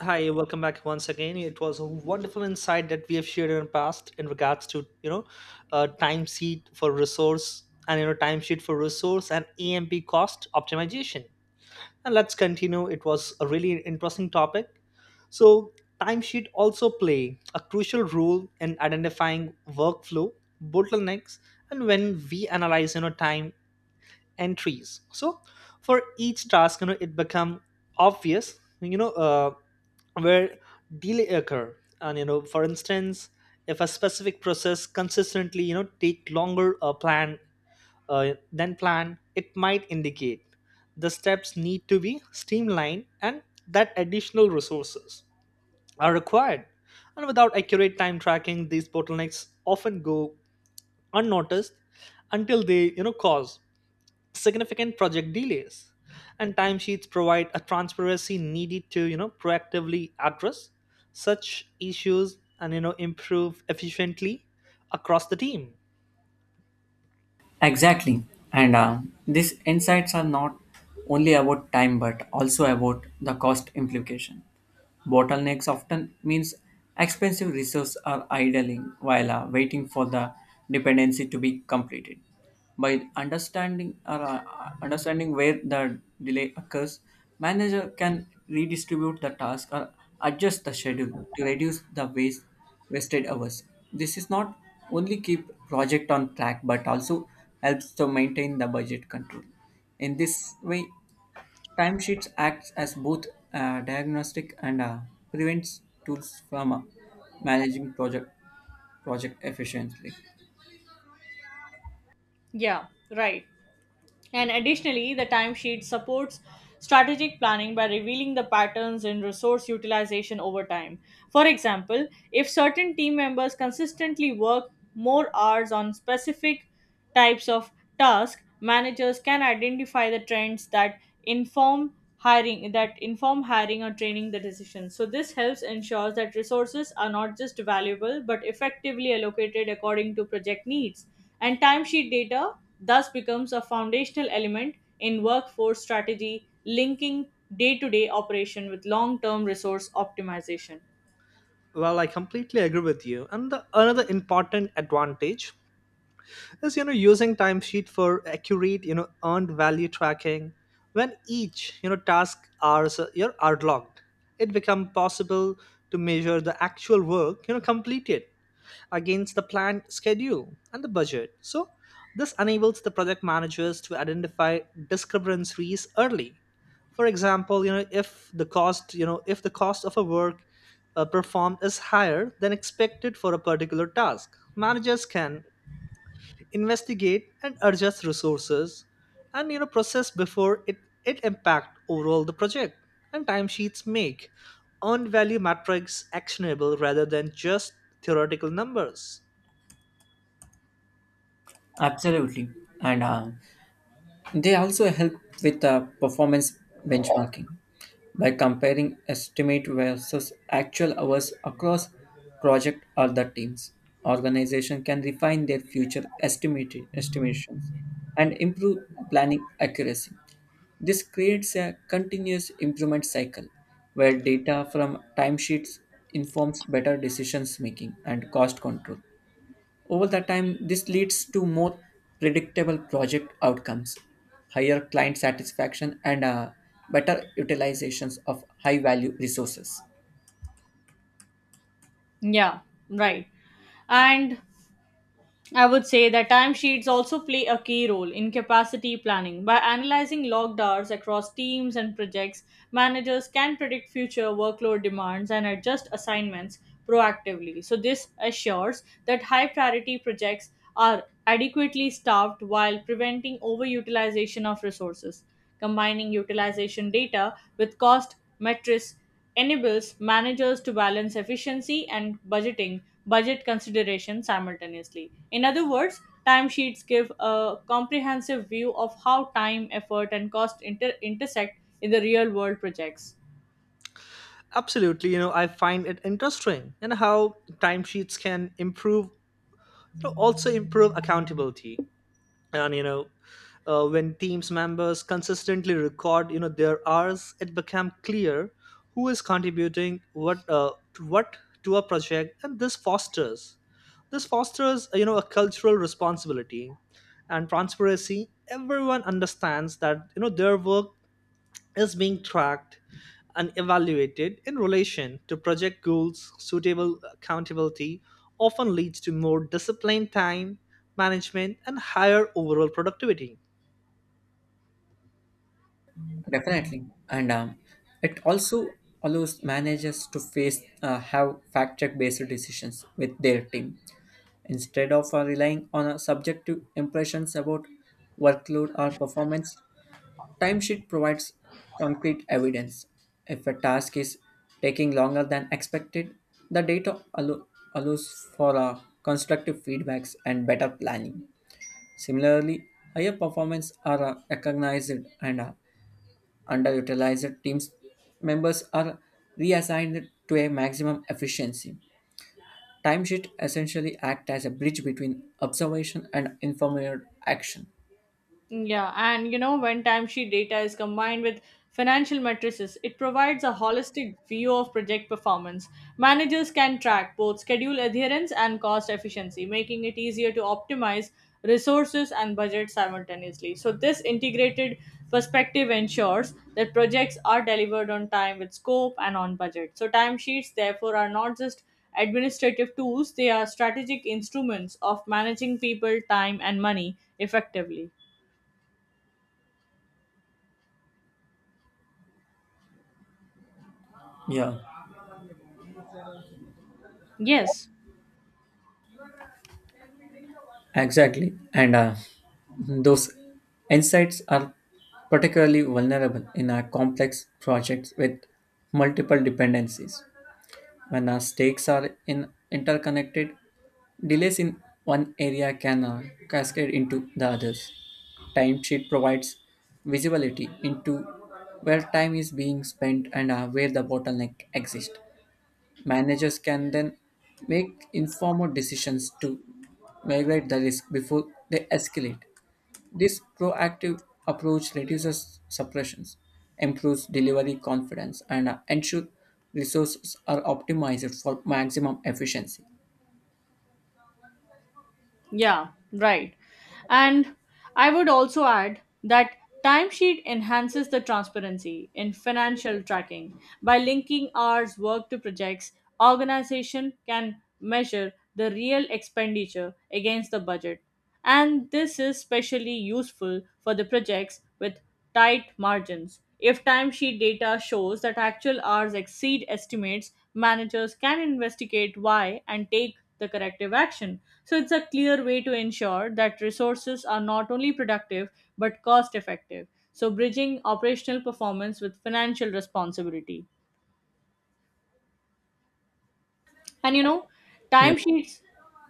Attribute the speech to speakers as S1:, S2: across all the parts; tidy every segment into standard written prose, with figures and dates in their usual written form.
S1: Hi, welcome back once again. It was a wonderful insight that we have shared in the past in regards to time sheet for resource and time sheet for resource and EMP cost optimization. And let's continue. It was a really interesting topic. So timesheet also play a crucial role in identifying workflow bottlenecks, and when we analyze time entries, so for each task it become obvious, where delay occur. And for instance, if a specific process consistently take longer plan than planned, it might indicate the steps need to be streamlined and that additional resources are required. And without accurate time tracking, these bottlenecks often go unnoticed until they cause significant project delays. And timesheets provide a transparency needed to proactively address such issues and improve efficiently across the team.
S2: Exactly. And These insights are not only about time but also about the cost implication. Bottlenecks often means expensive reserves are idling while waiting for the dependency to be completed. By understanding or Understanding where the delay occurs, manager can redistribute the task or adjust the schedule to reduce the wasted hours. This is not only keep project on track but also helps to maintain the budget control. In this way, timesheets acts as both a diagnostic and a prevents tools from managing project efficiently.
S3: Yeah, right. And additionally, the timesheet supports strategic planning by revealing the patterns in resource utilization over time. For example, if certain team members consistently work more hours on specific types of tasks, managers can identify the trends that inform hiring or training the decisions. So this helps ensures that resources are not just valuable but effectively allocated according to project needs. And timesheet data thus becomes a foundational element in workforce strategy, linking day to day operation with long term resource optimization.
S1: Well, I completely agree with you, and another important advantage is using timesheet for accurate earned value tracking. When each task hours are logged, it becomes possible to measure the actual work completed against the planned schedule and the budget. So, this enables the project managers to identify discrepancies early. For example, you know, if the cost, you know, if the cost of a work performed is higher than expected for a particular task, managers can investigate and adjust resources and process before it impact overall the project. And timesheets make earned value metrics actionable rather than just theoretical numbers.
S2: Absolutely, and they also help with performance benchmarking by comparing estimate versus actual hours across project or the teams. Organization can refine their future estimated estimations and improve planning accuracy. This creates a continuous improvement cycle where data from timesheets informs better decisions making and cost control. Over the time, this leads to more predictable project outcomes, higher client satisfaction, and better utilizations of high value resources.
S3: Yeah, right. And I would say that timesheets also play a key role in capacity planning. By analyzing logged hours across teams and projects, managers can predict future workload demands and adjust assignments proactively. So, this assures that high priority projects are adequately staffed while preventing overutilization of resources. Combining utilization data with cost metrics enables managers to balance efficiency and budget considerations simultaneously. In other words, timesheets give a comprehensive view of how time, effort, and cost intersect in the real world projects.
S1: Absolutely, you know, I find it interesting and how timesheets can improve, also improve accountability. And you know, when teams members consistently record, you know, their hours, it become clear who is contributing what to a project, and this fosters a cultural responsibility and transparency. Everyone understands that their work is being tracked and evaluated in relation to project goals. Suitable accountability often leads to more disciplined time management and higher overall productivity.
S2: Definitely. And It also allows managers to face have fact check based decisions with their team. Instead of relying on subjective impressions about workload or performance, timesheet provides concrete evidence. If a task is taking longer than expected, the data allows for constructive feedbacks and better planning. Similarly, higher performance are recognized and underutilized teams members are reassigned to a maximum efficiency. Timesheet essentially act as a bridge between observation and informed action.
S3: Yeah, and you know, when timesheet data is combined with financial matrices, it provides a holistic view of project performance. Managers can track both schedule adherence and cost efficiency, making it easier to optimize resources and budget simultaneously. So, this integrated perspective ensures that projects are delivered on time with scope and on budget. So, timesheets, therefore, are not just administrative tools, they are strategic instruments of managing people, time, and money effectively.
S2: Yeah,
S3: Yes,
S2: exactly. And Those insights are particularly vulnerable in a complex projects with multiple dependencies. When our stakes are in interconnected, delays in one area can cascade into the others. Timesheet provides visibility into where time is being spent and where the bottleneck exists. Managers can then make informed decisions to migrate the risk before they escalate. This proactive approach reduces suppressions, improves delivery confidence, and ensure resources are optimized for maximum efficiency.
S3: yeah, right. And I would also add that timesheet enhances the transparency in financial tracking by linking hours worked to projects. Organization can measure the real expenditure against the budget and this is especially useful for the projects with tight margins. If timesheet data shows that actual hours exceed estimates, managers can investigate why and take the corrective action. So it's a clear way to ensure that resources are not only productive but cost effective. So bridging operational performance with financial responsibility. And you know,
S2: Yeah,
S3: timesheets,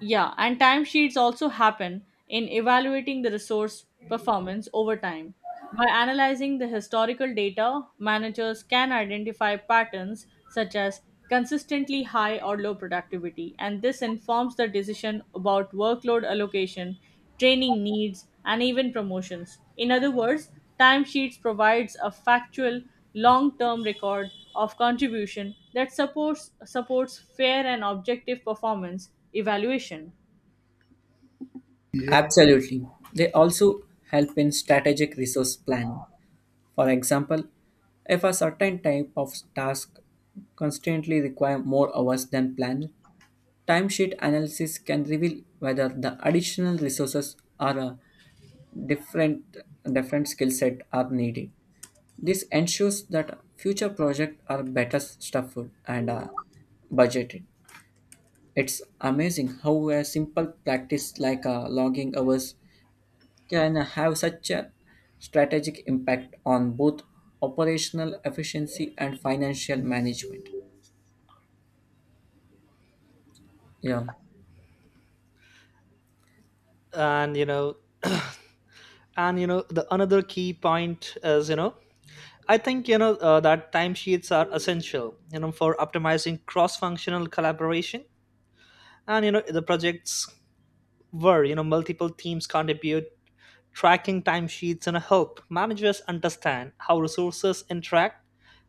S3: yeah, and timesheets also happen in evaluating the resource performance over time. By analyzing the historical data, managers can identify patterns such as consistently high or low productivity, and this informs the decision about workload allocation, training needs, and even promotions. In other words, timesheets provides a factual long term record of contribution that supports fair and objective performance evaluation.
S2: Yeah. Absolutely. They also help in strategic resource planning. For example, if a certain type of task constantly require more hours than planned, timesheet analysis can reveal whether the additional resources or a different, different skill set are needed. This ensures that future projects are better stuffed and budgeted. It's amazing how a simple practice like logging hours can have such a strategic impact on both operational efficiency and financial management. Yeah,
S1: And you know, the another key point is you know, I think you know that timesheets are essential for optimizing cross-functional collaboration and the projects where multiple teams contribute. Tracking timesheets and help managers understand how resources interact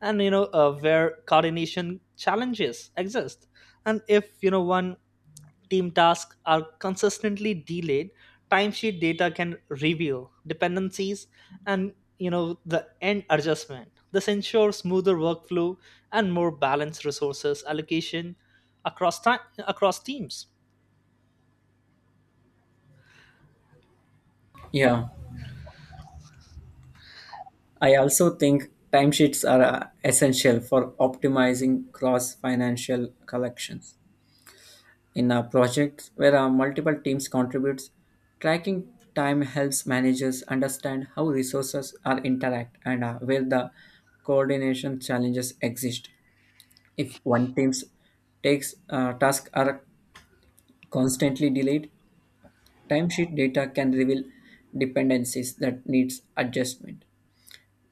S1: and where coordination challenges exist. And if one team tasks are consistently delayed, timesheet data can reveal dependencies and the end adjustment. This ensures smoother workflow and more balanced resources allocation across time, across teams.
S2: yeah. I also think timesheets are essential for optimizing cross-financial collections. In a project where multiple teams contribute, tracking time helps managers understand how resources are interact and where the coordination challenges exist. If one team's takes tasks are constantly delayed, timesheet data can reveal dependencies that needs adjustment.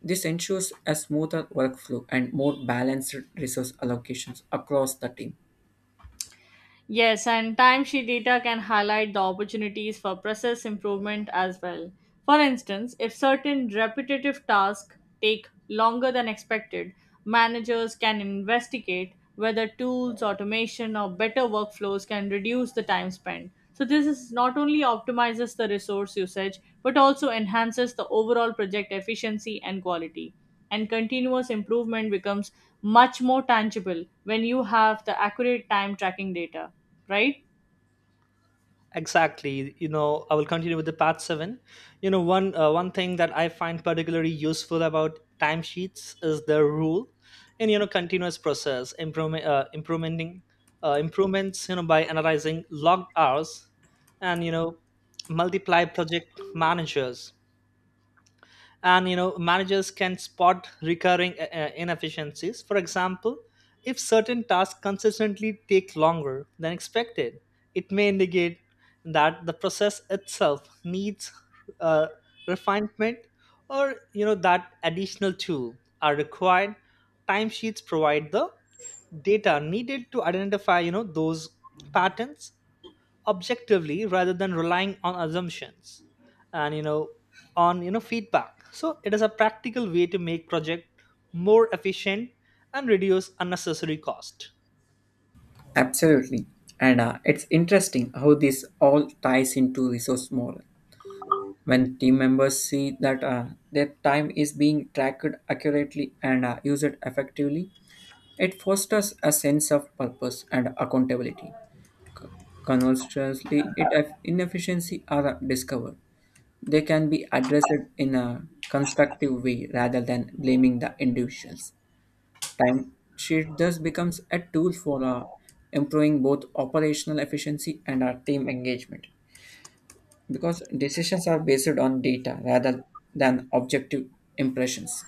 S2: This ensures a smoother workflow and more balanced resource allocations across the team.
S3: Yes, and timesheet data can highlight the opportunities for process improvement as well. For instance, if certain repetitive tasks take longer than expected, managers can investigate whether tools, automation, or better workflows can reduce the time spent. So, this is not only optimizes the resource usage but also enhances the overall project efficiency and quality and continuous improvement becomes much more tangible when you have the accurate time tracking data, right?
S1: Exactly, I will continue with the part 7. One thing that I find particularly useful about timesheets is the rule in continuous process improvement, implementing improvements. By analyzing logged hours, and multiply project managers, and managers can spot recurring inefficiencies. For example, if certain tasks consistently take longer than expected, it may indicate that the process itself needs uh, refinement, or that additional tool are required. Timesheets provide the data needed to identify those patterns objectively rather than relying on assumptions and you know on you know feedback. So it is a practical way to make project more efficient and reduce unnecessary cost.
S2: Absolutely. And It's interesting how this all ties into resource model. When team members see that their time is being tracked accurately and used effectively, it fosters a sense of purpose and accountability. Conversely, if inefficiency are discovered, they can be addressed in a constructive way rather than blaming the individuals. Timesheet thus becomes a tool for improving both operational efficiency and our team engagement because decisions are based on data rather than objective impressions.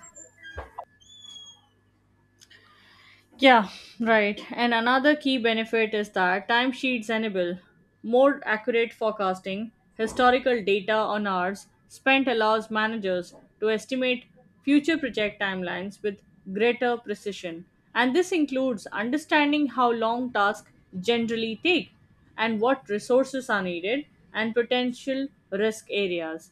S3: Yeah, right. And another key benefit is that timesheets enable more accurate forecasting. Historical data on hours spent allows managers to estimate future project timelines with greater precision. And this includes understanding how long tasks generally take and what resources are needed and potential risk areas.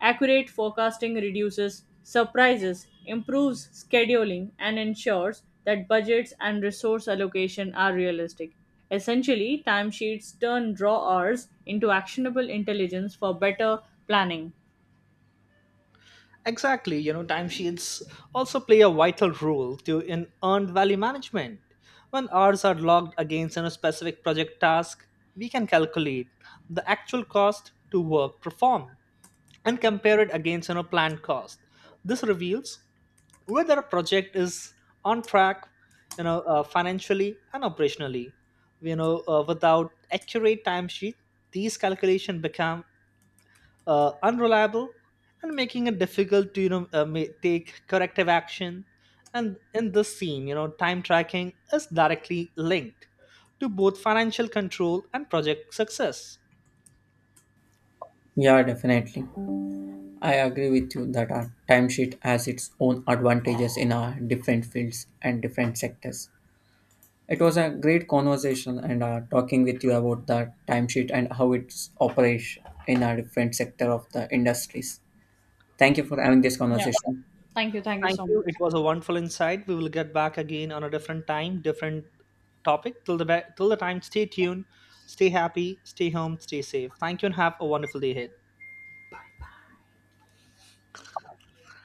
S3: Accurate forecasting reduces surprises, improves scheduling, and ensures that budgets and resource allocation are realistic. Essentially, timesheets turn draw hours into actionable intelligence for better planning.
S1: Exactly, timesheets also play a vital role to in earned value management. When hours are logged against a specific project task, we can calculate the actual cost to work performed and compare it against planned cost. This reveals whether a project is on track, financially and operationally. Without accurate timesheet, these calculations become unreliable, and making it difficult to take corrective action. And in this scene, time tracking is directly linked to both financial control and project success.
S2: Yeah, definitely. I agree with you that our timesheet has its own advantages in our different fields and different sectors. It was a great conversation and talking with you about the timesheet and how it operates in our different sector of the industries. Thank you for having this
S3: Yeah.
S2: conversation.
S3: Thank you. Thank you
S1: Thank
S3: so
S1: you.
S3: much.
S1: It was a wonderful insight. We will get back again on a different time, different topic. Till the time, stay tuned, stay happy, stay home, stay safe. Thank you, and have a wonderful day ahead.